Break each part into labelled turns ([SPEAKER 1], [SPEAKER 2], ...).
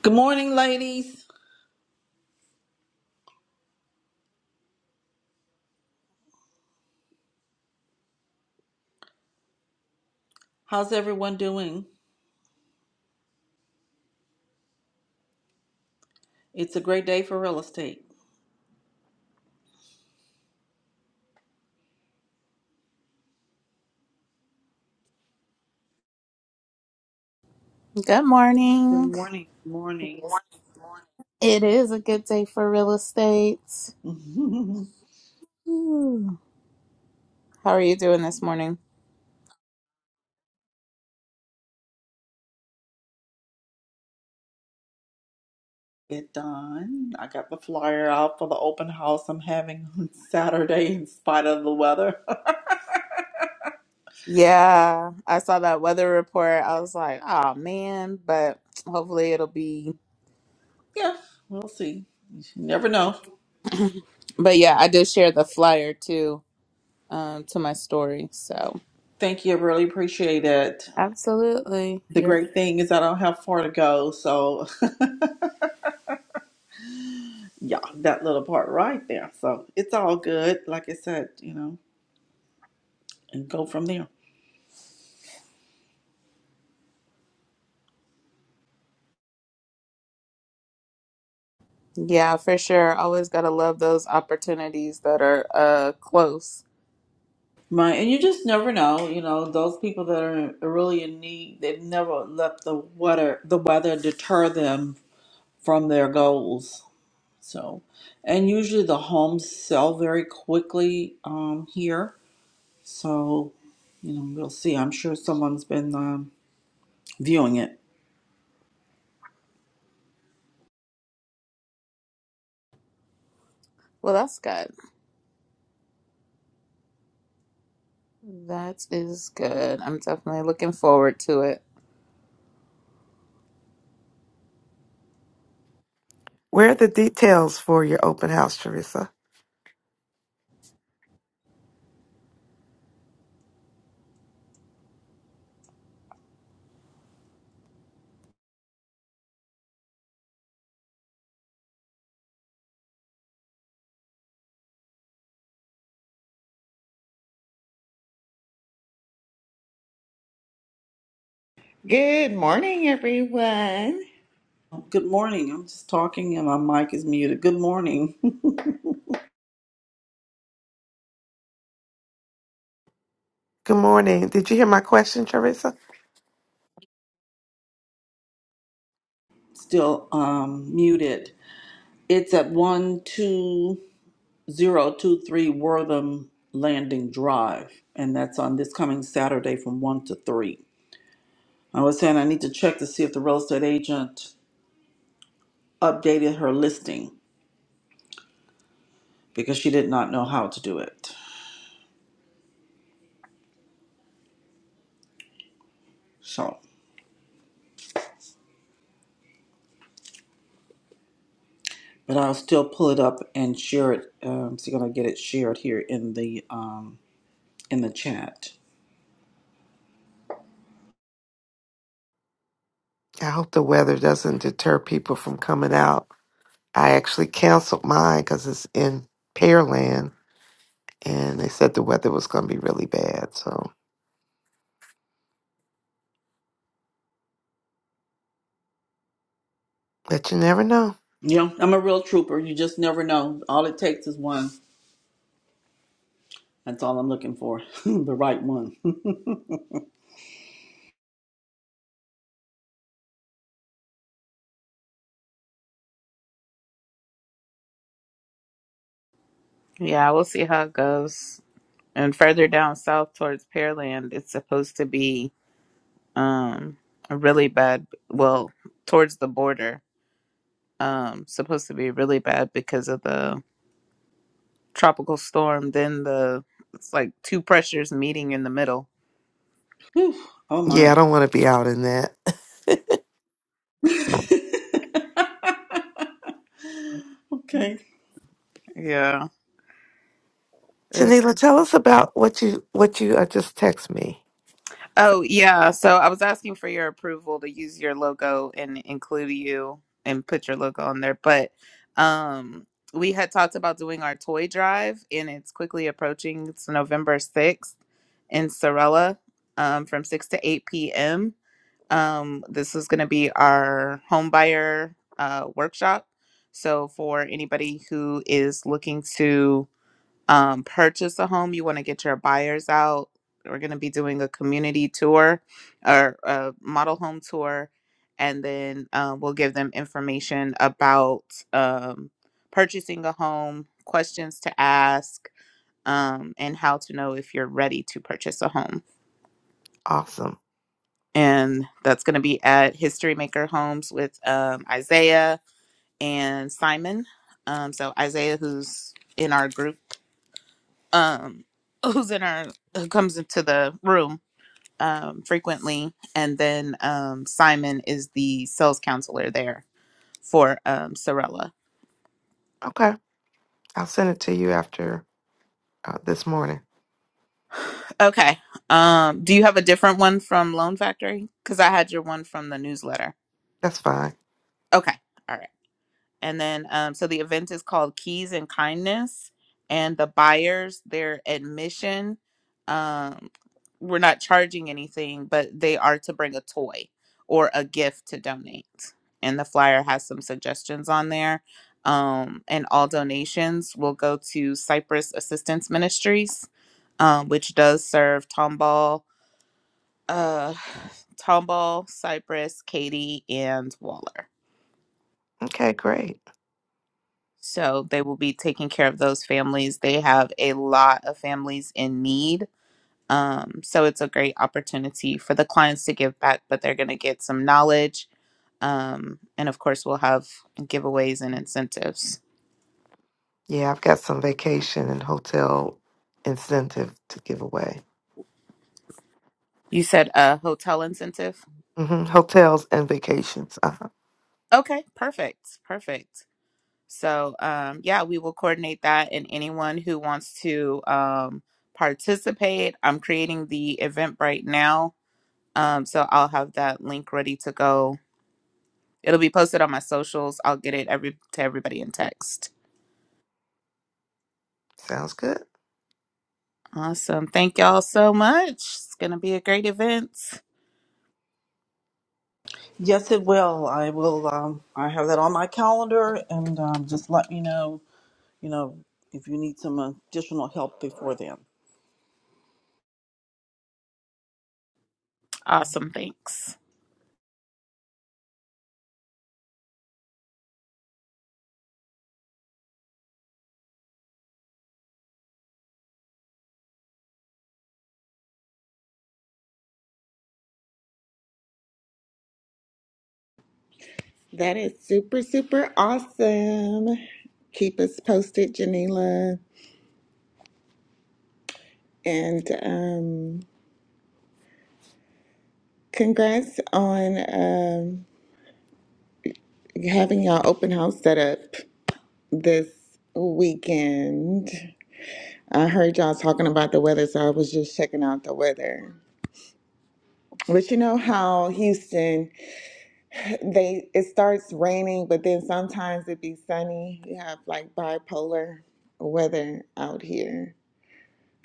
[SPEAKER 1] Good morning, ladies. How's everyone doing? It's a great day for real estate.
[SPEAKER 2] Good
[SPEAKER 1] Good
[SPEAKER 2] morning.
[SPEAKER 1] morning. Good morning.
[SPEAKER 2] It is a good day for real estate. Ooh. How are you doing this morning?
[SPEAKER 1] Get done. I got the flyer out for the open house I'm having on Saturday in spite of the weather.
[SPEAKER 2] Yeah, I saw that weather report. I was like, oh man, but hopefully it'll be.
[SPEAKER 1] yeah, we'll see. You never know.
[SPEAKER 2] But yeah, I did share the flyer too um, to my story. So
[SPEAKER 1] Thank you. I really appreciate it.
[SPEAKER 2] absolutely.
[SPEAKER 1] The
[SPEAKER 2] You're...
[SPEAKER 1] great thing is I don't have far to go. So, yeah, that little part right there. So, it's all good. Like I said, you know, and go from there.
[SPEAKER 2] Yeah, for sure. Always got to love those opportunities that are uh, close.
[SPEAKER 1] Right, and you just never know, you know, those people that are really in need, they've never let the weather the weather deter them from their goals. So, and usually the homes sell very quickly um, here. So, you know, we'll see. I'm sure someone's been um, viewing it.
[SPEAKER 2] Well, that's good. That is good. I'm definitely looking forward to it.
[SPEAKER 3] Where are the details for your open house, Teresa?
[SPEAKER 4] Good morning, everyone.
[SPEAKER 1] Good morning. I'm just talking and my mic is muted. Good morning.
[SPEAKER 3] Good morning. Did you hear my question, Teresa?
[SPEAKER 1] Still um, muted. It's at one two. Zero Two Three Wortham Landing Drive, and that's on this coming Saturday from 1 to 3. I was saying I need to check to see if the real estate agent updated her listing because she did not know how to do it. So, but I'll still pull it up and share it. Um, so gonna get it shared here in the um, in the chat.
[SPEAKER 3] I hope the weather doesn't deter people from coming out. I actually canceled mine because it's in Pearland and they said the weather was going to be really bad. So, but you never know.
[SPEAKER 1] Yeah, I'm a real trooper. You just never know. All it takes is one. That's all I'm looking for, the right one.
[SPEAKER 2] Yeah, we'll see how it goes. And further down south towards Pearland, it's supposed to be um really bad. Well, towards the border, um, supposed to be really bad because of the tropical storm. Then the it's like two pressures meeting in the middle.
[SPEAKER 1] Whew. Oh
[SPEAKER 3] Yeah, I
[SPEAKER 1] my.
[SPEAKER 3] don't want to be out in that.
[SPEAKER 1] Okay.
[SPEAKER 2] Yeah,
[SPEAKER 3] Janila, tell us about what you what you uh, just text me.
[SPEAKER 2] Oh, yeah. So I was asking for your approval to use your logo and include you and put your logo on there. But um, we had talked about doing our toy drive, and it's quickly approaching. It's November 6th in Sorella um, from 6 to 8 p.m. Um, this is going to be our home buyer uh, workshop. So for anybody who is looking to um, purchase a home, you want to get your buyers out. We're going to be doing a community tour or a model home tour, and then um, we'll give them information about um, purchasing a home, questions to ask, um, and how to know if you're ready to purchase a home.
[SPEAKER 3] Awesome.
[SPEAKER 2] And that's going to be at History Maker Homes with um, Isaiah and Simon. Um, so, Isaiah, who's in our group um who's in our who comes into the room um frequently and then um Simon is the sales counselor there for um Sorella.
[SPEAKER 3] Okay, I'll send it to you after uh, this morning.
[SPEAKER 2] Okay. Um do you have a different one from Loan Factory? Cuz I had your one from the newsletter.
[SPEAKER 3] That's fine.
[SPEAKER 2] Okay. All right. And then, um, so the event is called Keys and Kindness, and the buyers, their admission, um, we're not charging anything, but they are to bring a toy or a gift to donate. And the flyer has some suggestions on there. Um, and all donations will go to Cypress Assistance Ministries, um, which does serve Tomball, uh, Tomball, Cypress, Katy, and Waller.
[SPEAKER 3] Okay, great.
[SPEAKER 2] So they will be taking care of those families. They have a lot of families in need. Um, so it's a great opportunity for the clients to give back, but they're going to get some knowledge. Um, and of course, we'll have giveaways and incentives.
[SPEAKER 3] Yeah, I've got some vacation and hotel incentive to give away.
[SPEAKER 2] You said a hotel incentive?
[SPEAKER 3] hmm Hotels and vacations. Uh-huh.
[SPEAKER 2] Okay, perfect. Perfect. So, um, yeah, we will coordinate that. And anyone who wants to um, participate, I'm creating the event right now. Um, so I'll have that link ready to go It'll be posted on my socials. I'll get it every to everybody in text.
[SPEAKER 3] Sounds good.
[SPEAKER 2] Awesome. Thank y'all so much. It's gonna be a great event.
[SPEAKER 1] Yes, it will. I will. Um, I have that on my calendar, and um, just let me know. You know, if you need some additional help before then.
[SPEAKER 2] Awesome. Thanks.
[SPEAKER 4] That is super, super awesome. Keep us posted, Janila. And um, congrats on um, having y'all open house set up this weekend. I heard y'all talking about the weather, so I was just checking out the weather. But you know how Houston, they it starts raining, but then sometimes it be sunny. You have like bipolar weather out here.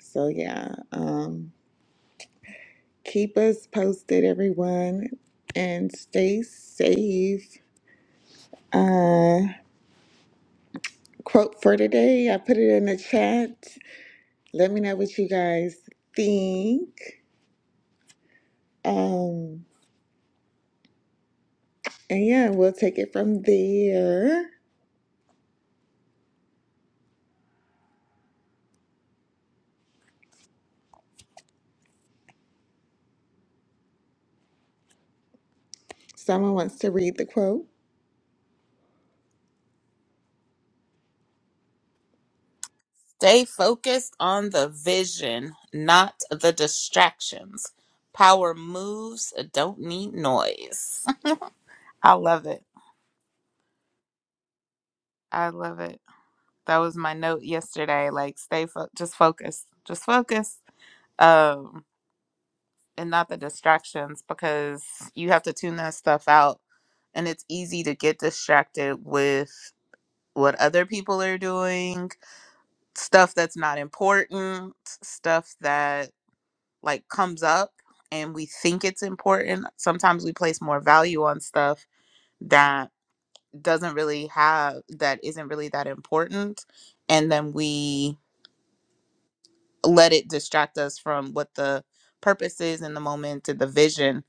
[SPEAKER 4] So yeah, um, keep us posted, everyone, and stay safe. Uh, quote for today, I put it in the chat. Let me know what you guys think. Um, and yeah, we'll take it from there. Someone wants to read the quote.
[SPEAKER 2] Stay focused on the vision, not the distractions. Power moves don't need noise. I love it. I love it. That was my note yesterday. Like, stay fo- just focus, just focus. Um. and not the distractions because you have to tune that stuff out and it's easy to get distracted with what other people are doing stuff that's not important stuff that like comes up and we think it's important sometimes we place more value on stuff that doesn't really have that isn't really that important and then we let it distract us from what the purpose is in the moment and the vision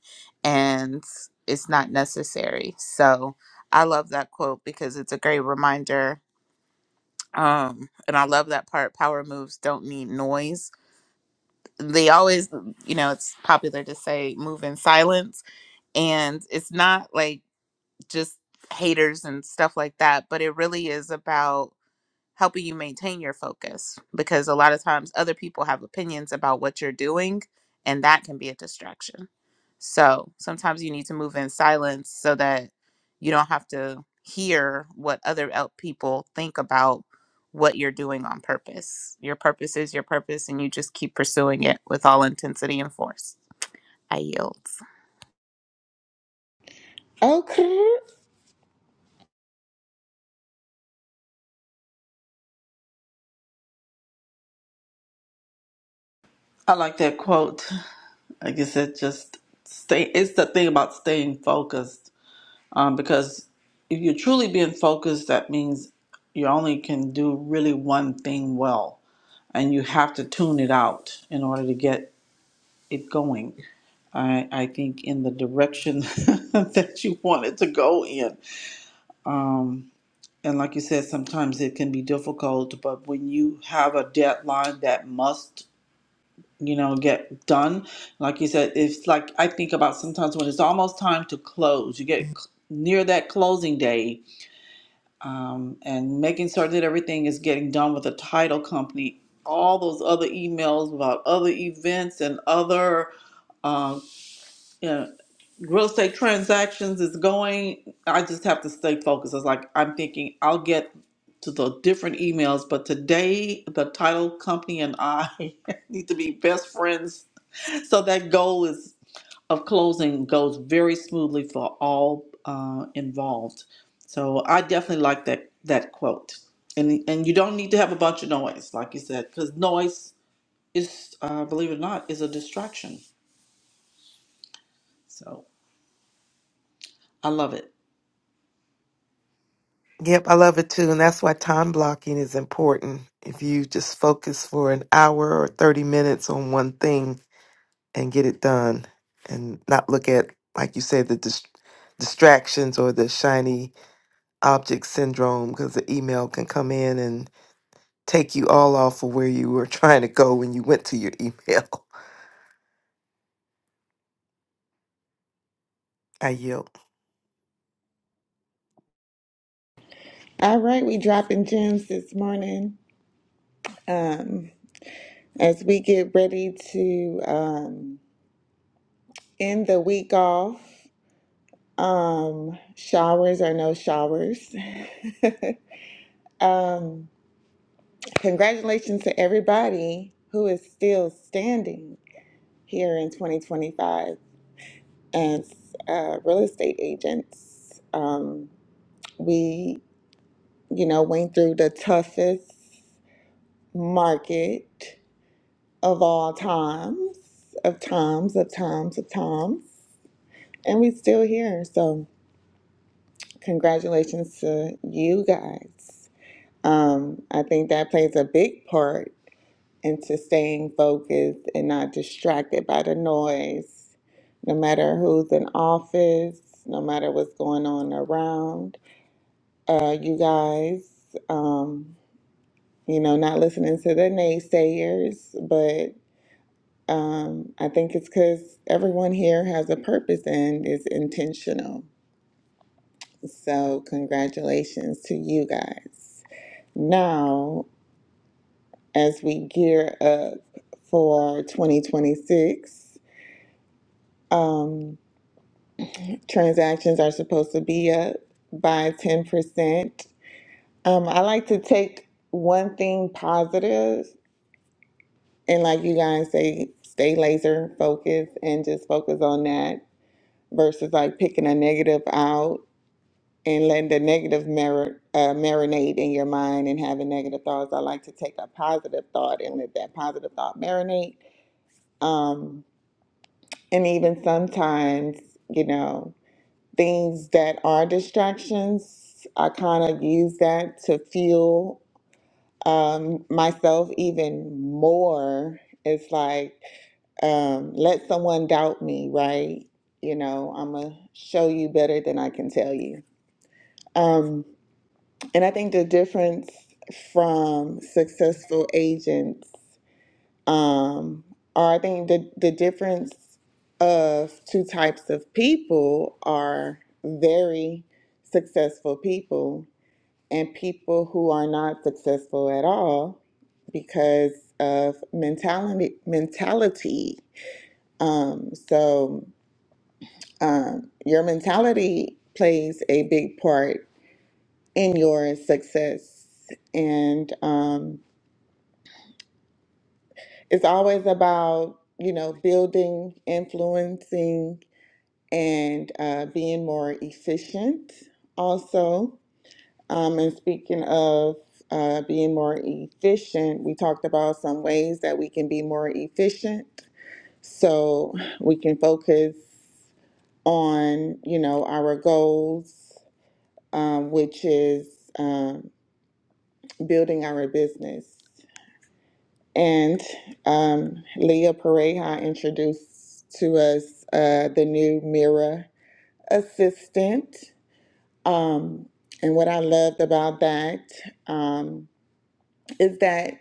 [SPEAKER 2] and it's not necessary so i love that quote because it's a great reminder um and i love that part power moves don't need noise they always you know it's popular to say move in silence and it's not like just haters and stuff like that but it really is about helping you maintain your focus because a lot of times other people have opinions about what you're doing and that can be a distraction. So sometimes you need to move in silence so that you don't have to hear what other el- people think about what you're doing on purpose. Your purpose is your purpose and you just keep pursuing it with all intensity and force. I yield.
[SPEAKER 4] Okay.
[SPEAKER 1] I like that quote. Like I guess it just stay. It's the thing about staying focused, um, because if you're truly being focused, that means you only can do really one thing well, and you have to tune it out in order to get it going. I, I think in the direction that you want it to go in. Um, and like you said, sometimes it can be difficult, but when you have a deadline that must, you know, get done, like you said, it's like I think about sometimes when it's almost time to close, you get c- near that closing day, um, and making sure that everything is getting done with the title company, all those other emails about other events and other. uh, yeah. Real estate transactions is going. I just have to stay focused. It's like I'm thinking I'll get to the different emails, but today the title company and I need to be best friends. So that goal is of closing goes very smoothly for all uh, involved. So I definitely like that that quote. And and you don't need to have a bunch of noise, like you said, because noise is, uh, believe it or not, is a distraction. So I love it.
[SPEAKER 3] Yep, I love it too. And that's why time blocking is important. If you just focus for an hour or 30 minutes on one thing and get it done and not look at, like you say, the dis- distractions or the shiny object syndrome, because the email can come in and take you all off of where you were trying to go when you went to your email. I yield.
[SPEAKER 4] All right, we dropping gems this morning. Um, as we get ready to um, end the week off. Um, showers or no showers. um, congratulations to everybody who is still standing here in 2025 as uh, real estate agents. Um, we, you know, went through the toughest market of all times, of times, of times, of times, and we still here. So, congratulations to you guys Um, I think that plays a big part into staying focused and not distracted by the noise, no matter who's in office, no matter what's going on around uh, you guys. Um, you know, not listening to the naysayers, but um, I think it's because everyone here has a purpose and is intentional. So, congratulations to you guys. Now, as we gear up for 2026. Um, transactions are supposed to be up by 10%. Um, I like to take one thing positive and, like you guys say, stay laser focused and just focus on that versus like picking a negative out and letting the negative mar- uh, marinate in your mind and having negative thoughts. I like to take a positive thought and let that positive thought marinate. Um, And even sometimes, you know, things that are distractions, I kind of use that to fuel um, myself even more. It's like, um, let someone doubt me, right? You know, I'm going to show you better than I can tell you. Um, and I think the difference from successful agents. Um, or I think the the difference of two types of people are very successful people and people who are not successful at all because of mentality mentality. Um, so um, your mentality plays a big part in your success and um, it's always about you know building influencing and uh, being more efficient also. Um, and speaking of uh, being more efficient, we talked about some ways that we can be more efficient. So we can focus on, you know, our goals, um, which is um, building our business. And um, Leah Pareja introduced to us uh, the new Mira assistant Um, and what I loved about that um, is that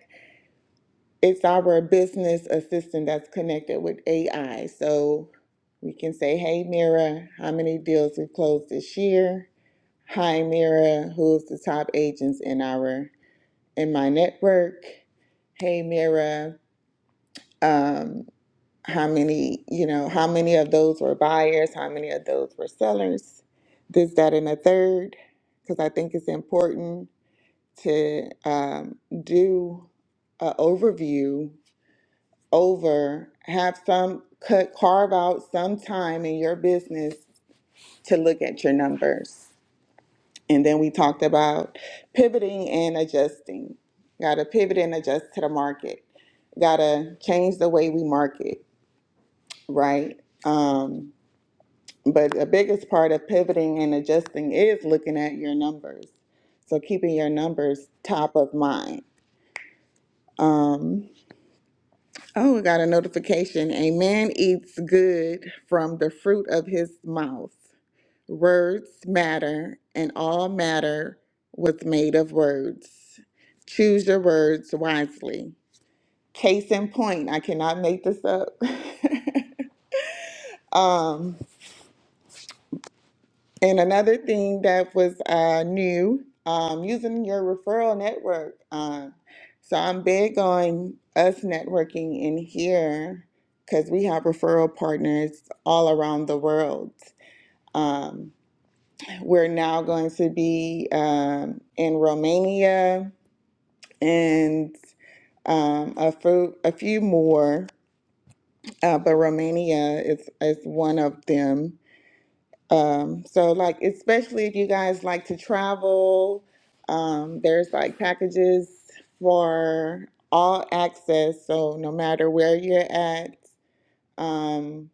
[SPEAKER 4] it's our business assistant that's connected with AI. So we can say, hey, Mira, how many deals we've closed this year? Hi, Mira, who's the top agents in our in my network? Hey, Mira, um, how many, you know, how many of those were buyers? How many of those were sellers? This, that, and a third, because I think it's important to um, do an overview over, have some cut, carve out some time in your business to look at your numbers. And then we talked about pivoting and adjusting. Got to pivot and adjust to the market. Got to change the way we market, right? Um, but the biggest part of pivoting and adjusting is looking at your numbers. So keeping your numbers top of mind. Um, Oh, I got a notification. A man eats good from the fruit of his mouth. Words matter, and all matter was made of words. Choose your words wisely. Case in point, I cannot make this up. um, And another thing that was uh, new, um, using your referral network. Um, so I'm big on us networking in here because we have referral partners all around the world. Um, we're now going to be um, in Romania and um, a, few, a few more, uh, but Romania is, is one of them. Um, so like especially if you guys like to travel, um, there's like packages for all access. So no matter where you're at, um,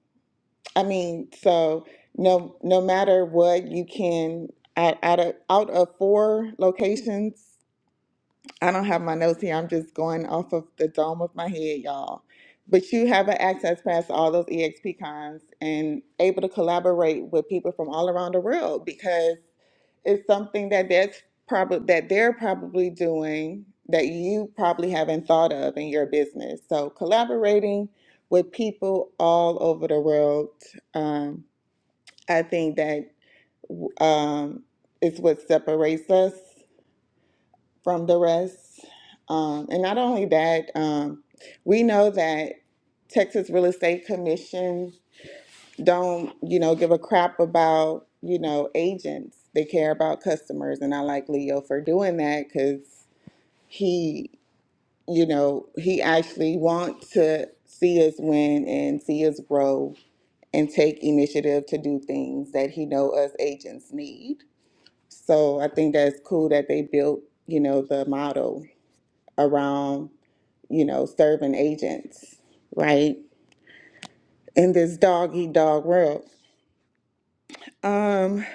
[SPEAKER 4] I mean, so no no matter what you can out out of out of four locations I don't have my notes here. I'm just going off of the dome of my head, y'all. But you have an access pass to all those EXP cons and able to collaborate with people from all around the world because it's something that that's probably that they're probably doing that you probably haven't thought of in your business. So collaborating with people all over the world, um, I think that um, is what separates us from the rest. Um, and not only that, um, we know that Texas Real Estate Commission don't, you know, give a crap about, you know, agents. They care about customers, and I like Leo for doing that because he, you know, he actually wants to see us win and see us grow and take initiative to do things that he know us agents need. So I think that's cool that they built, you know, the model around you know, serving agents, right? In this dog eat dog world. Um,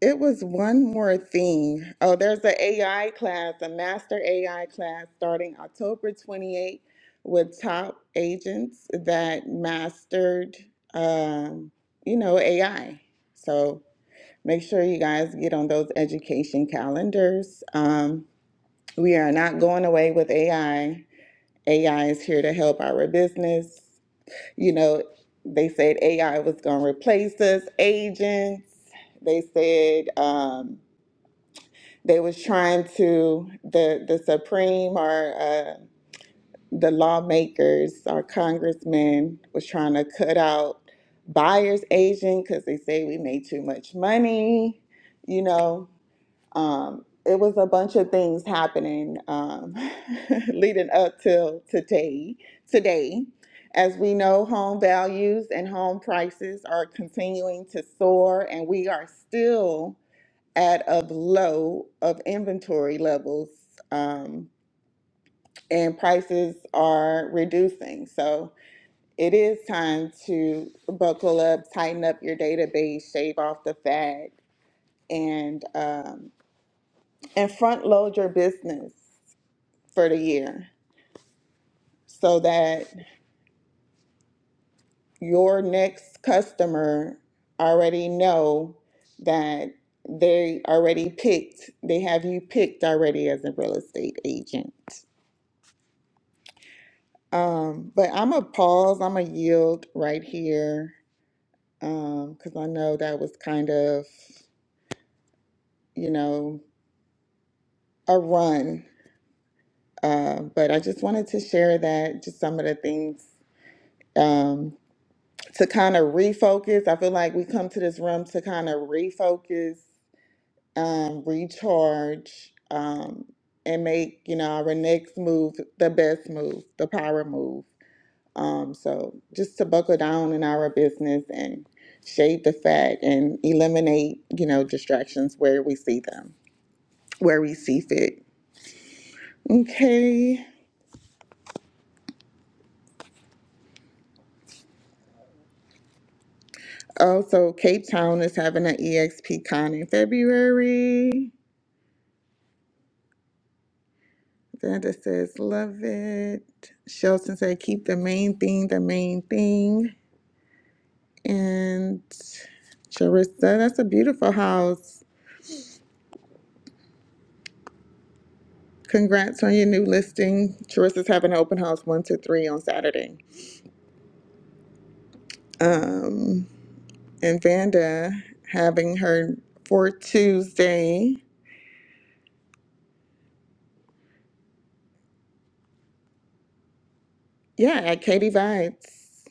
[SPEAKER 4] it was one more thing. Oh, there's an a AI class, a master AI class starting October 28 with top agents that mastered, um, you know, AI. So make sure you guys get on those education calendars. Um, we are not going away with AI. AI is here to help our business. You know, they said AI was going to replace us agents. They said um, they was trying to the the Supreme or uh, the lawmakers or congressmen was trying to cut out buyers agent because they say we made too much money. You know, um, it was a bunch of things happening um, leading up till today. Today, as we know, home values and home prices are continuing to soar, and we are still at a low of inventory levels, um, and prices are reducing. So it is time to buckle up, tighten up your database, shave off the fat, and um, and front load your business. for the year so that your next customer already know that they already picked they have you picked already as a real estate agent um but i'm a pause i'm a yield right here um because i know that was kind of you know a run uh, but i just wanted to share that just some of the things um, to kind of refocus. I feel like we come to this room to kind of refocus, um, recharge, um, and make, you know, our next move the best move, the power move. Um, so just to buckle down in our business and shade the fat and eliminate, you know, distractions where we see them, where we see fit. Okay. Also, Cape Town is having an EXP con in February. Glenda says, love it. Shelton said, keep the main thing the main thing. And Charissa, that's a beautiful house. Congrats on your new listing. Charissa's having an open house one to three on Saturday. Um, and Vanda having her for Tuesday. Yeah, at Katie Vibes.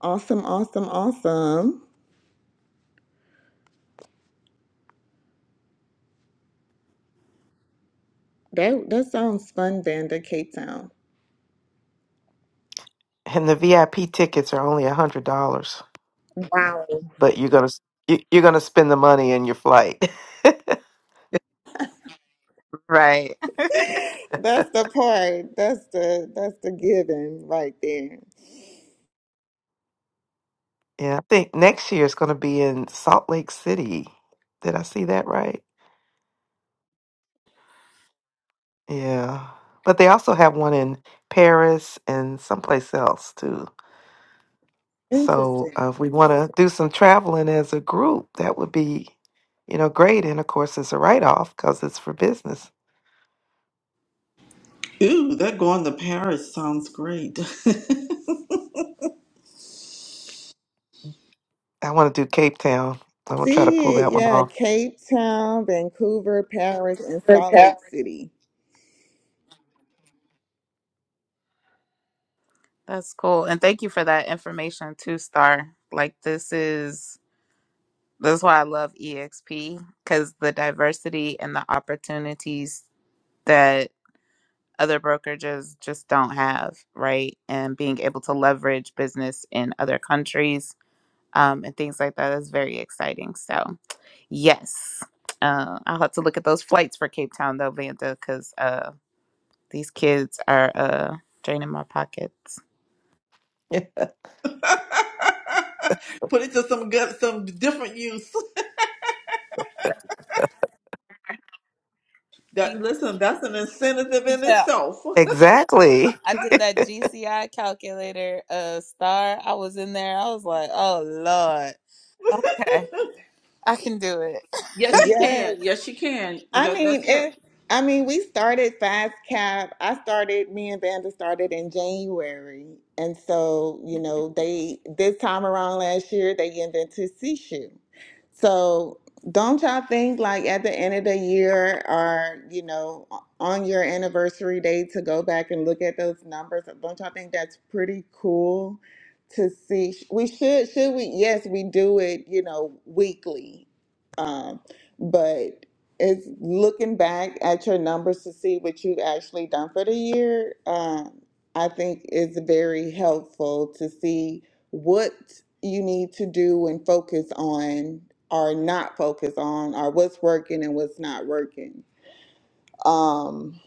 [SPEAKER 4] Awesome, awesome, awesome. That that sounds fun, Vanda, Cape Town.
[SPEAKER 3] and the VIP tickets are only a hundred dollars,
[SPEAKER 4] Wow.
[SPEAKER 3] but you're gonna you- you're gonna spend the money in your flight.
[SPEAKER 2] Right.
[SPEAKER 4] That's the part. That's the that's the given right there.
[SPEAKER 3] yeah, I think next year it's gonna be in Salt Lake City. Did I see that right? Yeah, but they also have one in Paris and someplace else too. So
[SPEAKER 4] Interesting.
[SPEAKER 3] uh, if we want to do some traveling as a group, that would be you know great. And of course, it's a write off because it's for business.
[SPEAKER 1] Ooh, that going to Paris sounds great.
[SPEAKER 3] I want to do Cape Town. I'm gonna try to pull
[SPEAKER 4] See it,
[SPEAKER 3] that one
[SPEAKER 4] yeah.
[SPEAKER 3] off.
[SPEAKER 4] Cape Town, Vancouver, Paris, and Salt
[SPEAKER 3] Okay.
[SPEAKER 4] Lake City.
[SPEAKER 2] That's cool. And thank you for that information too, Star. Like this is That's why I love EXP because the diversity and the opportunities that other brokerages just don't have, right? And being able to leverage business in other countries um, and things like that is very exciting. So, yes, uh, I'll have to look at those flights for Cape Town though, Vanda, because uh, these kids are uh, draining my pockets.
[SPEAKER 1] Put it to some good, some different use. That listen, that's an incentive in
[SPEAKER 2] Yeah,
[SPEAKER 1] itself.
[SPEAKER 3] exactly.
[SPEAKER 2] I did that GCI calculator uh star. I was in there. I was like, oh Lord. Okay, I can do it.
[SPEAKER 1] Yes, you can.
[SPEAKER 4] Yes,
[SPEAKER 1] Yes, you can.
[SPEAKER 4] I
[SPEAKER 1] That,
[SPEAKER 4] mean,
[SPEAKER 1] that's it.
[SPEAKER 4] if I mean, we started Fast Cap. I started. Me and Vanda started in January, and so you know, they this time around last year they invented Sishu. So don't y'all think like at the end of the year or you know on your anniversary day to go back and look at those numbers? Don't y'all think that's pretty cool? To see, we should should we? Yes, we do it. You know, weekly. Um, but it's looking back at your numbers to see what you've actually done for the year. Um, I think is very helpful to see what you need to do and focus on or not focus on or what's working and what's not working. Um,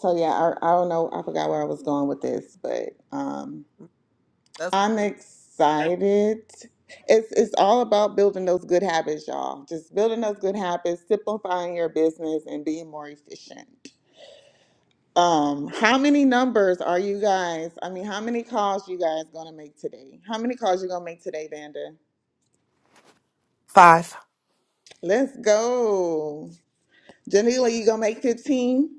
[SPEAKER 4] so yeah, I, I don't know. I forgot where I was going with this, but, um,
[SPEAKER 2] That's-
[SPEAKER 4] I'm excited. It's it's all about building those good habits, y'all. Just building those good habits, simplifying your business and being more efficient. Um, how many numbers are you guys? I mean, how many calls you guys gonna make today? How many calls you gonna make today, Vanda? Let's go. Janila, you gonna make 15?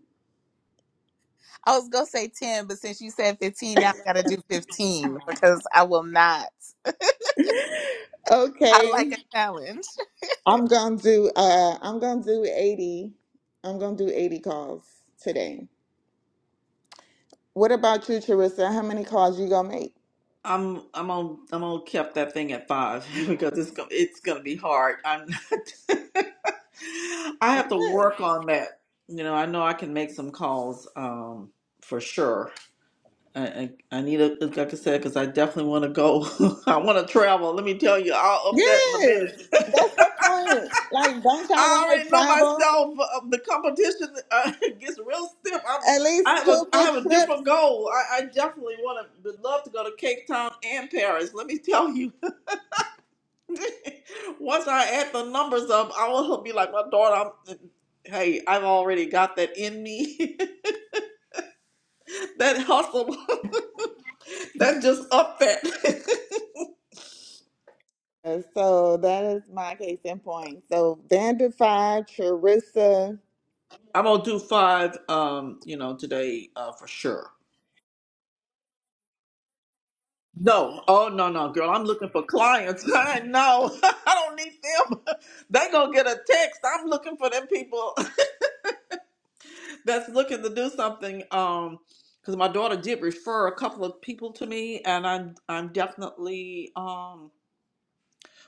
[SPEAKER 2] I was gonna say ten, but since you said fifteen, now I gotta do fifteen because I will not. I
[SPEAKER 4] Okay.
[SPEAKER 2] like a challenge.
[SPEAKER 4] I'm gonna do uh I'm gonna do 80. I'm gonna do 80 calls today. What about you, Charissa? How many calls you gonna make?
[SPEAKER 1] I'm I'm on I'm on kept that thing at five because it's gonna it's gonna be hard. I'm not. I have to
[SPEAKER 4] Yes.
[SPEAKER 1] work on that. You know, I know I can make some calls um, for sure. I, I, I need a like I said because I definitely want to go. I want to travel. Let me tell you, I'll up that in a
[SPEAKER 4] Yes.
[SPEAKER 1] minute.
[SPEAKER 4] That's the point. Like, don't y'all
[SPEAKER 1] I
[SPEAKER 4] want to
[SPEAKER 1] already know
[SPEAKER 4] travel?
[SPEAKER 1] myself. Uh, the competition uh, gets real stiff. I'm,
[SPEAKER 4] At
[SPEAKER 1] I
[SPEAKER 4] least
[SPEAKER 1] have a
[SPEAKER 4] two
[SPEAKER 1] I
[SPEAKER 4] good
[SPEAKER 1] have a
[SPEAKER 4] trips.
[SPEAKER 1] different goal. I, I definitely want to would love to go to Cape Town and Paris. Let me tell you. Once I add the numbers up, I will be like my daughter. I'm, hey, I've already got that in me. that hustle. that just up that.
[SPEAKER 4] Uh, So that is my case in point. So Vanderfy, Charissa.
[SPEAKER 1] I'm gonna do five, um, you know, today uh, for sure. No, oh no, no, girl, I'm looking for clients. I know, I don't need them. they gonna get a text. I'm looking for them people that's looking to do something. Um, because my daughter did refer a couple of people to me, and I'm I'm definitely um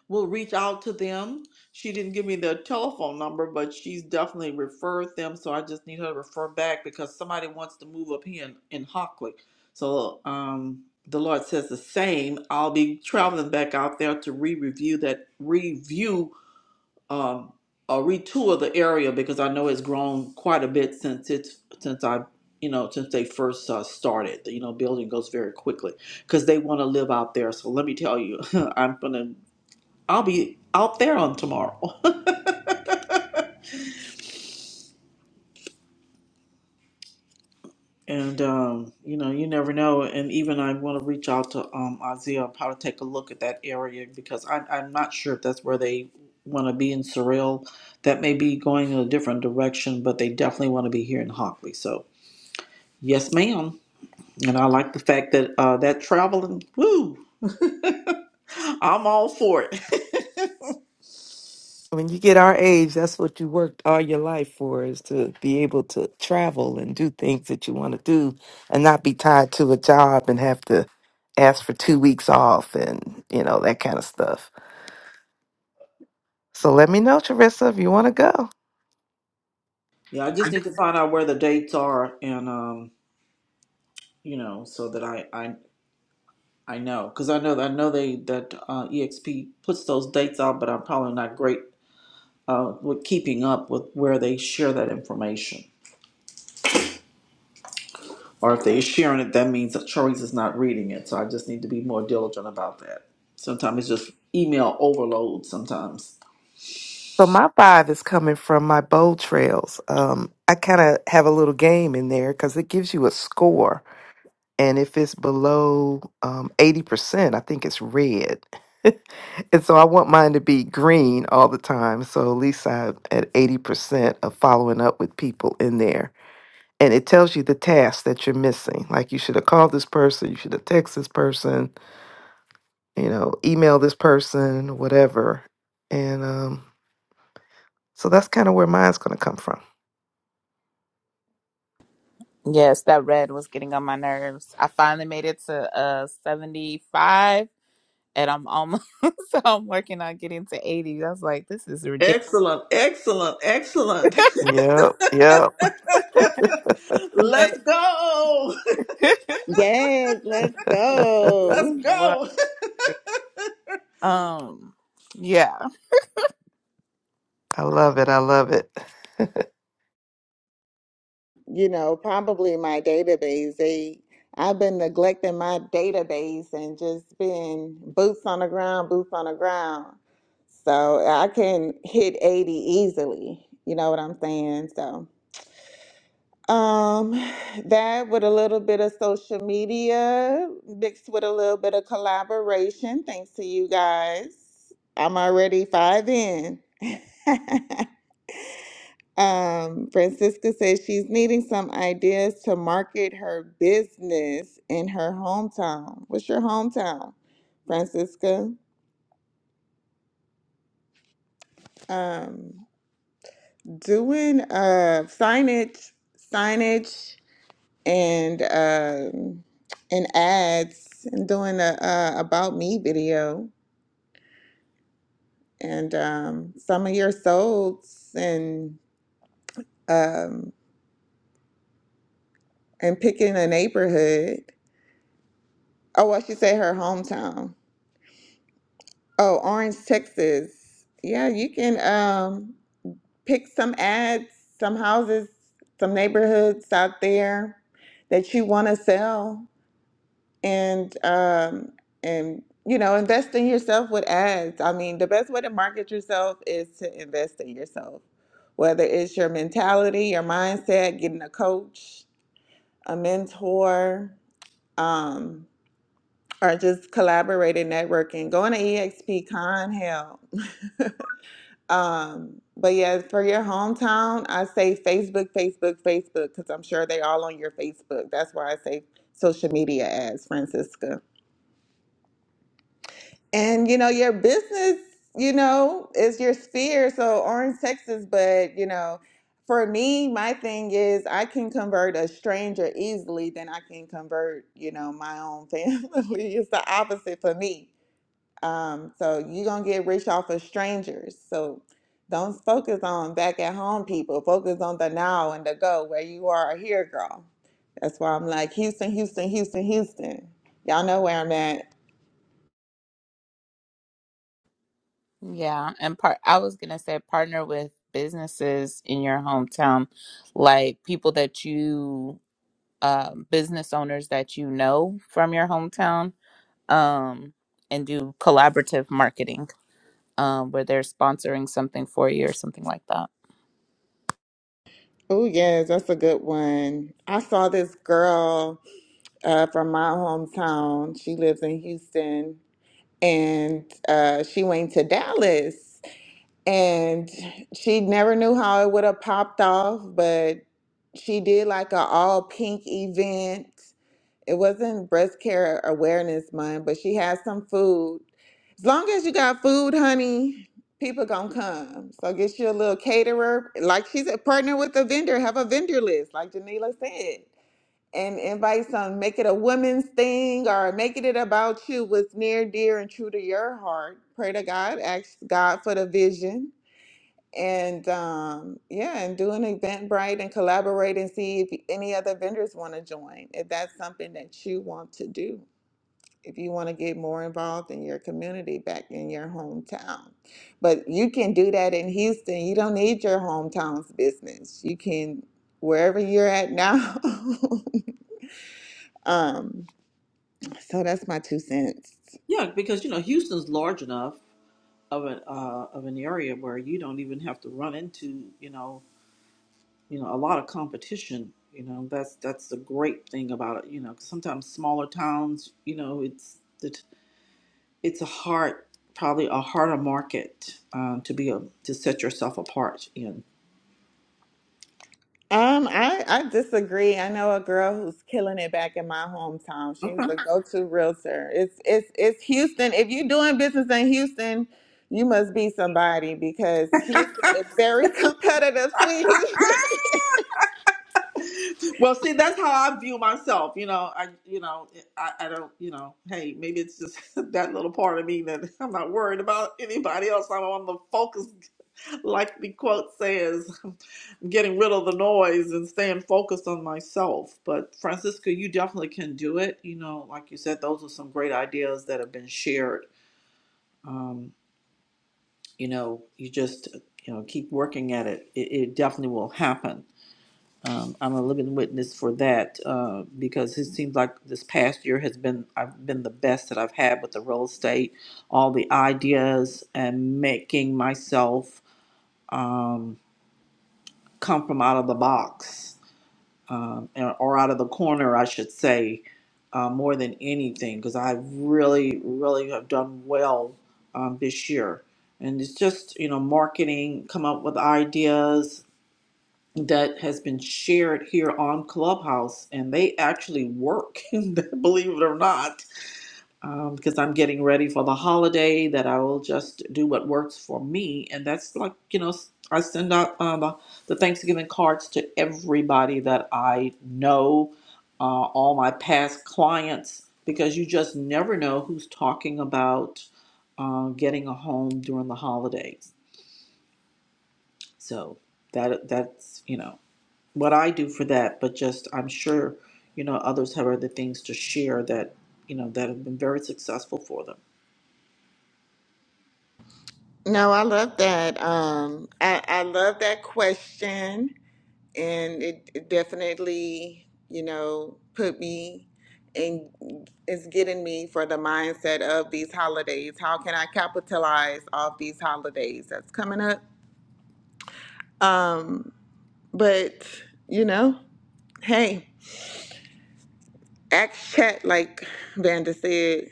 [SPEAKER 1] We'll reach out to them. She didn't give me their telephone number, but she's definitely referred them. So I just need her to refer back because somebody wants to move up here in, in Hockley. So um, the Lord says the same. I'll be traveling back out there to re-review that review um, or retour the area because I know it's grown quite a bit since it's since I you know since they first uh, started. You know, building goes very quickly because they want to live out there. So let me tell you, I'm gonna. I'll be out there on tomorrow. and um, you know, you never know. And even I want to reach out to um Isaiah and probably take a look at that area because I'm I'm not sure if that's where they want to be in Surreal. That may be going in a different direction, but they definitely want to be here in Hockley. So yes, ma'am. And I like the fact that uh that traveling, woo, I'm all for it.
[SPEAKER 3] When you get our age, that's what you worked all your life for is to be able to travel and do things that you want to do and not be tied to a job and have to ask for two weeks off and, you know, that kind of stuff. So let me know, Teresa, if you want to go.
[SPEAKER 1] Yeah, I just need to find out where the dates are and um, you know, so that I I I know, because I know I know they that uh, EXP puts those dates out, but I'm probably not great uh, with keeping up with where they share that information. Or if they're sharing it, that means that Charisse is not reading it. So I just need to be more diligent about that. Sometimes it's just email overload. Sometimes.
[SPEAKER 3] So my vibe is coming from my bowl trails. Um, I kind of have a little game in there because it gives you a score. and if it's below um, 80% i think it's red and so i want mine to be green all the time so at least i'm at 80% of following up with people in there and it tells you the tasks that you're missing like you should have called this person you should have texted this person you know email this person whatever and um, so that's kind of where mine's going to come from.
[SPEAKER 2] Yes, that red was getting on my nerves. I finally made it to uh seventy-five, and I'm almost. so I'm working on getting to eighty. I was like, this is ridiculous,
[SPEAKER 1] Excellent, excellent, excellent.
[SPEAKER 3] Yep, yep.
[SPEAKER 1] Let's
[SPEAKER 2] but
[SPEAKER 1] go.
[SPEAKER 4] Yes, let's
[SPEAKER 1] Let's
[SPEAKER 4] go.
[SPEAKER 2] Lord,
[SPEAKER 1] go.
[SPEAKER 2] um, yeah.
[SPEAKER 3] I love it. I love it.
[SPEAKER 4] You know, probably my database. They I've been neglecting my database and just been boots on the ground, boots on the ground. So I can hit 80 easily. You know what I'm saying? So Um, that with a little bit of social media mixed with a little bit of collaboration, thanks to you guys. I'm already five in. Um, Francisca says she's needing some ideas to market her business in her hometown. What's your hometown, Francisca? Um, doing uh signage, signage. and um, and ads and doing a, a about me video and um, some of your solds and um, and picking a neighborhood. Oh, I should say her hometown. Oh, Orange, Texas. Yeah, you can um, pick some ads, some houses, some neighborhoods out there that you want to sell and um and you know invest in yourself with ads i mean the best way to market yourself is to invest in yourself whether it's your mentality your mindset getting a coach a mentor um or just collaborating networking going to exp con hell um but yeah for your hometown i say facebook facebook facebook because i'm sure they're all on your facebook that's why i say social media ads francisca And you know, your business, you know, is your sphere. So Orange, Texas, but you know, for me, my thing is I can convert a stranger easily than I can convert, you know, my own family. it's the opposite for me. Um, so you're gonna get rich off of strangers. So don't focus on back at home people. Focus on the now and the go where you are here, girl. That's why I'm like Houston, Houston, Houston, Houston. Y'all know where I'm at.
[SPEAKER 2] Yeah, and part I was gonna say partner with businesses in your hometown, like people that you um business owners that you know from your hometown, um, and do collaborative marketing, um, where they're sponsoring something for you or something like that.
[SPEAKER 4] Oh, yes, that's a good one. I saw this girl uh, from my hometown. She lives in Houston and uh, she went to Dallas and she never knew how it would have popped off, but she did like a all pink event it wasn't breast care awareness month, but she had some food. As long as you got food, honey, people gonna come. So get you a little caterer. Like she's a partner with a vendor, have a vendor list, like Janila said. And invite some, make it a women's thing or making it about you, what's near, dear, and true to your heart. Pray to God, ask God for the vision and um, yeah, and do an Eventbrite and collaborate and see if any other vendors want to join. If that's something that you want to do, if you want to get more involved in your community back in your hometown, but you can do that in Houston. You don't need your hometown's business. You can wherever you're at now. um, so that's my two cents.
[SPEAKER 1] Yeah, because you know Houston's large enough of an uh, of an area where you don't even have to run into you know you know a lot of competition. You know that's that's the great thing about it. You know, 'cause sometimes smaller towns, you know, it's it's it's a hard probably a harder market uh, to be a to set yourself apart in.
[SPEAKER 4] Um, I, I disagree. I know a girl who's killing it back in my hometown. She's the go-to realtor. It's it's it's Houston. If you're doing business in Houston, you must be somebody because Houston is very competitive, sweetie.
[SPEAKER 1] well, see, that's how I view myself. You know, I, you know, I, I don't, you know, hey, maybe it's just that little part of me that I'm not worried about anybody else. I'm on the focus, like the quote says, getting rid of the noise and staying focused on myself. But Francisca, you definitely can do it. You know, like you said, those are some great ideas that have been shared. Um, you know, you just, you know, keep working at it. It, it definitely will happen. Um, I'm a living witness for that uh, because it seems like this past year has been I've been the best that I've had with the real estate, all the ideas and making myself um, come from out of the box um, or or out of the corner, I should say, uh, more than anything because I really, really have done well um, this year. And it's just you know marketing, come up with ideas, that has been shared here on Clubhouse, and they actually work, believe it or not, um, because I'm getting ready for the holiday that I will just do what works for me. And that's like, you know, I send out um, the the Thanksgiving cards to everybody that I know, uh, all my past clients, because you just never know who's talking about uh, getting a home during the holidays. So that that's, you know what I do for that, but just I'm sure, you know, others have other things to share that, you know, that have been very successful for them.
[SPEAKER 4] No, I love that. Um, I, I love that question. and it, it definitely you know put me and is getting me for the mindset of these holidays how can i capitalize off these holidays that's coming up um but you know hey ask chat like vanda said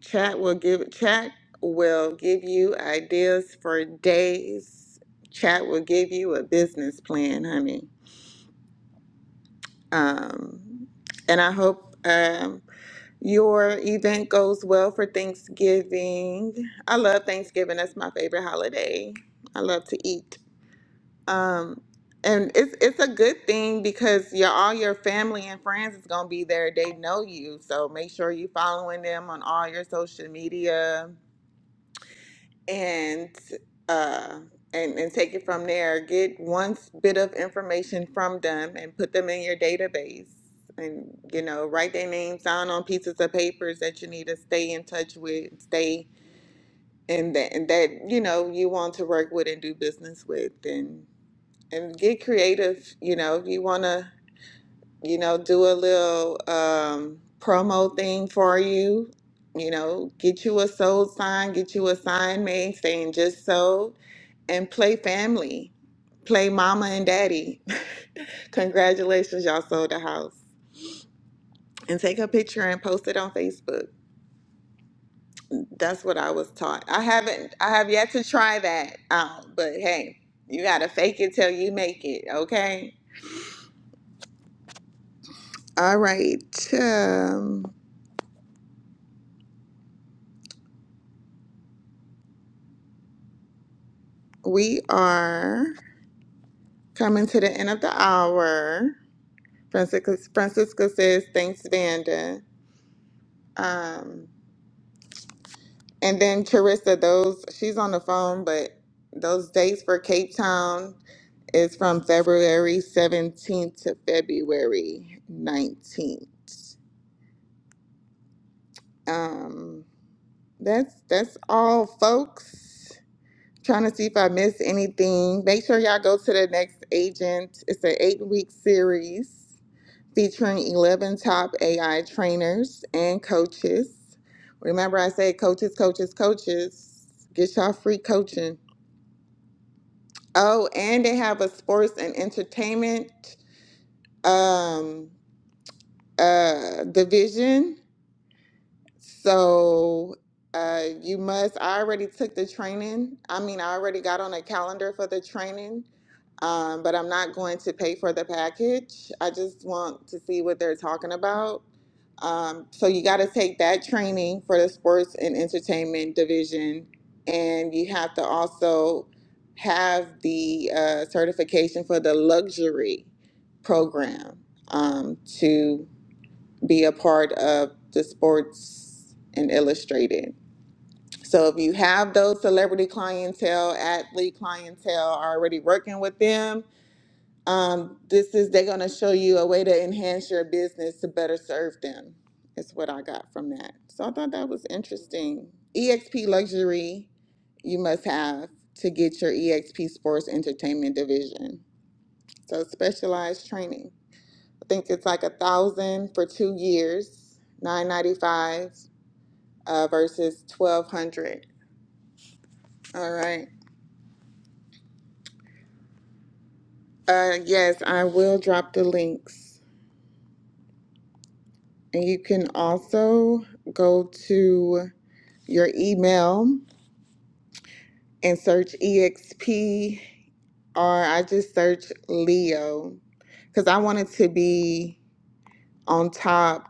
[SPEAKER 4] chat will give chat will give you ideas for days chat will give you a business plan honey um and i hope um Your event goes well for Thanksgiving. I love Thanksgiving. That's my favorite holiday. I love to eat. Um, and it's it's a good thing because your all your family and friends is gonna be there. They know you, so make sure you following them on all your social media and uh and, and take it from there. Get one bit of information from them and put them in your database. And you know, write their names down on pieces of papers that you need to stay in touch with, stay and that and that you know you want to work with and do business with, and and get creative. You know, if you want to, you know, do a little um, promo thing for you. You know, get you a sold sign, get you a sign made saying just so and play family. Play mama and daddy. Congratulations, y'all sold the house. And take a picture and post it on Facebook. That's what I was taught. I haven't I have yet to try that out, but hey, you gotta fake it till you make it, okay? All right. Um, we are coming to the end of the hour. Francisca Francisca says, thanks, Vanda. Um, And then Charissa, those she's on the phone, but those dates for Cape Town is from February 17th to February 19th. Um, that's that's all, folks. Trying to see if I missed anything. Make sure y'all go to the next agent. It's an eight-week series featuring 11 top AI trainers and coaches. Remember, I said coaches, coaches, coaches. Get y'all free coaching Oh, and they have a sports and entertainment um, uh, division. So uh, you must, I already took the training. I mean, I already got on a calendar for the training, um, but I'm not going to pay for the package. I just want to see what they're talking about. Um, so you got to take that training for the sports and entertainment division, and you have to also have the uh, certification for the luxury program um, to be a part of the sports and illustrated. So if you have those celebrity clientele, athlete clientele, are already working with them, um, this is they're gonna show you a way to enhance your business to better serve them. Is what I got from that. So I thought that was interesting. EXP luxury you must have to get your EXP sports entertainment division. So specialized training. I think it's like a thousand for two years, nine ninety five uh, versus twelve hundred. All right. Uh, yes, I will drop the links, and you can also go to your email and search EXP, or I just search Leo because I wanted to be on top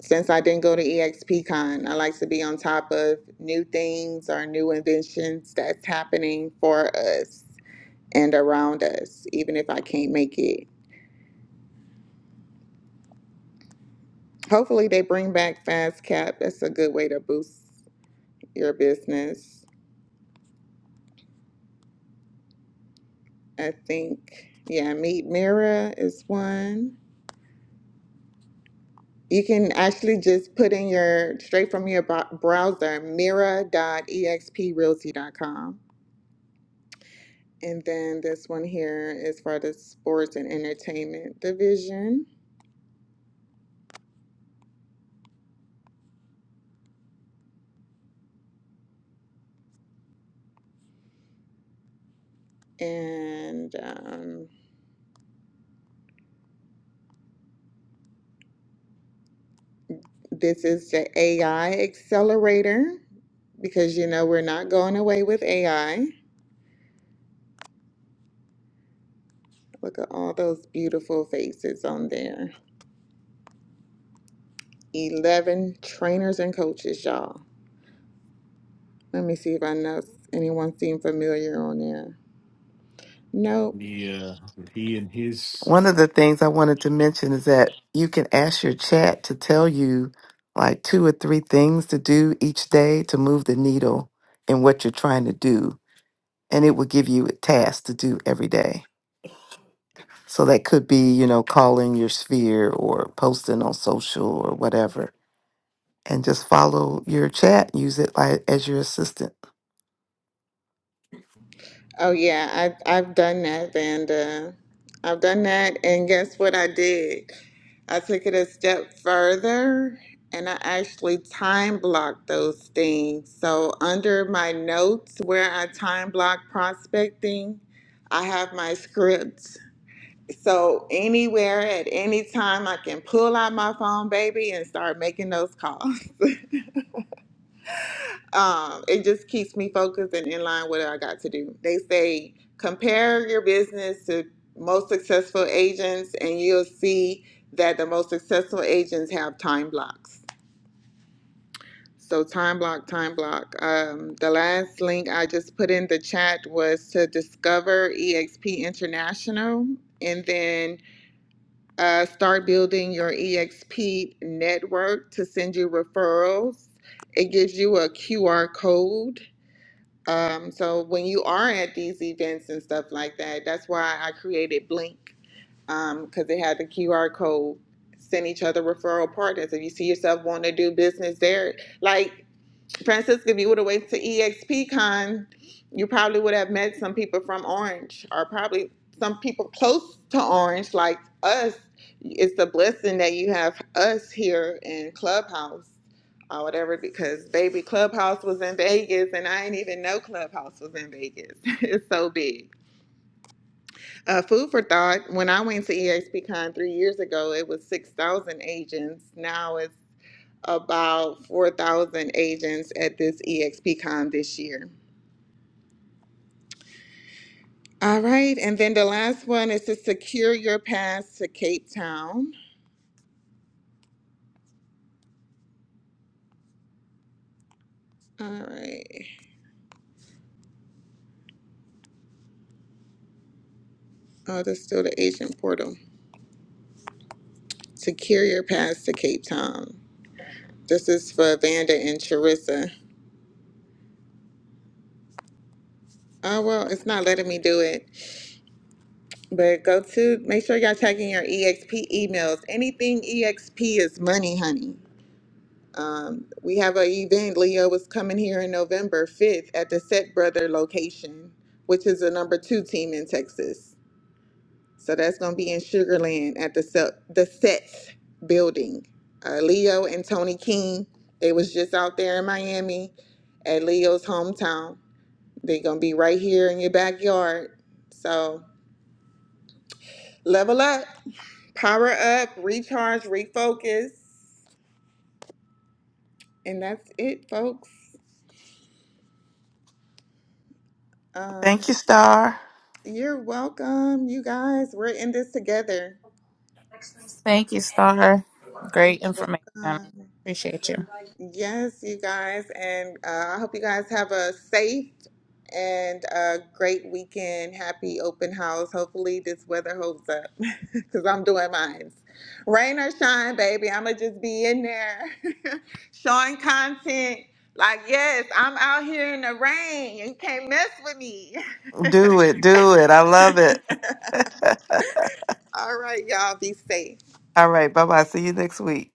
[SPEAKER 4] Since I didn't go to EXPCon, I like to be on top of new things or new inventions that's happening for us and around us, even if I can't make it. Hopefully, they bring back FastCap. That's a good way to boost your business. I think, yeah, Meet Mira is one. You can actually just put in your straight from your browser Mira dot EXP Realty dot com. And then this one here is for the sports and entertainment division. And um, this is the AI accelerator because you know we're not going away with AI. Look at all those beautiful faces on there. 11 trainers and coaches, y'all. Let me see if I know anyone seem familiar on there. Nope.
[SPEAKER 3] Yeah, he and his One of the things I wanted to mention is that you can ask your chat to tell you like two or three things to do each day to move the needle in what you're trying to do. And it will give you a task to do every day. So that could be, you know, calling your sphere or posting on social or whatever. And just follow your chat, use it like, as your assistant.
[SPEAKER 4] Oh yeah, I I've done that, Vanda. I've done that, and guess what I did? I took it a step further, and I actually time blocked those things. So under my notes, where I time block prospecting, I have my scripts. So anywhere at any time, I can pull out my phone, baby, and start making those calls. um, it just keeps me focused and in line with what I got to do. They say compare your business to most successful agents, and you'll see that the most successful agents have time blocks. So time block, time block. Um, the last link I just put in the chat was to discover EXP International, and then uh, start building your EXP network to send you referrals. It gives you a QR code um, so when you are at these events and stuff like that, that's why I created Blink because they had the QR code. Send each other referral partners. If you see yourself wanting to do business there, like Francisca, if you would have went to EXPCon, you probably would have met some people from Orange, or probably some people close to Orange, like us. It's a blessing that you have us here in Clubhouse or whatever, because baby, Clubhouse was in Vegas, and I didn't even know Clubhouse was in Vegas. it's so big. Uh, food for thought. When I went to EXPCon three years ago, it was six thousand agents. Now it's about 4,000 agents at this EXPCon this year. All right, and then the last one is to secure your pass to Cape Town. All right. Oh, that's still the agent portal. Secure your pass to Cape Town. This is for Vanda and Charissa. Oh, well, it's not letting me do it. But go to, make sure y'all checking your EXP emails. Anything EXP is money, honey. Um, we have an event. Leo is coming here in November 5th at the Set Brother location, which is the number two team in Texas. So that's going to be in Sugar Land at the Set, the Sets building. Uh, Leo and Tony King, they was just out there in Miami at Leo's hometown. They're going to be right here in your backyard. So level up, power up, recharge, refocus. And that's it, folks. Um,
[SPEAKER 3] Thank you, Star.
[SPEAKER 4] You're welcome, you guys. We're in this together.
[SPEAKER 2] Thank you, Star.
[SPEAKER 4] You're
[SPEAKER 2] Great information.
[SPEAKER 4] welcome.
[SPEAKER 2] Appreciate you.
[SPEAKER 4] Yes, you guys. And uh, I hope you guys have a safe and a great weekend. Happy open house. Hopefully, this weather holds up because I'm doing mine. Rain or shine, baby. I'm going to just be in there showing content. Like, yes, I'm out here in the rain. You can't mess with me.
[SPEAKER 3] Do it. Do it. I love it.
[SPEAKER 4] All right, y'all. Be safe.
[SPEAKER 3] All right. Bye bye. See you next week.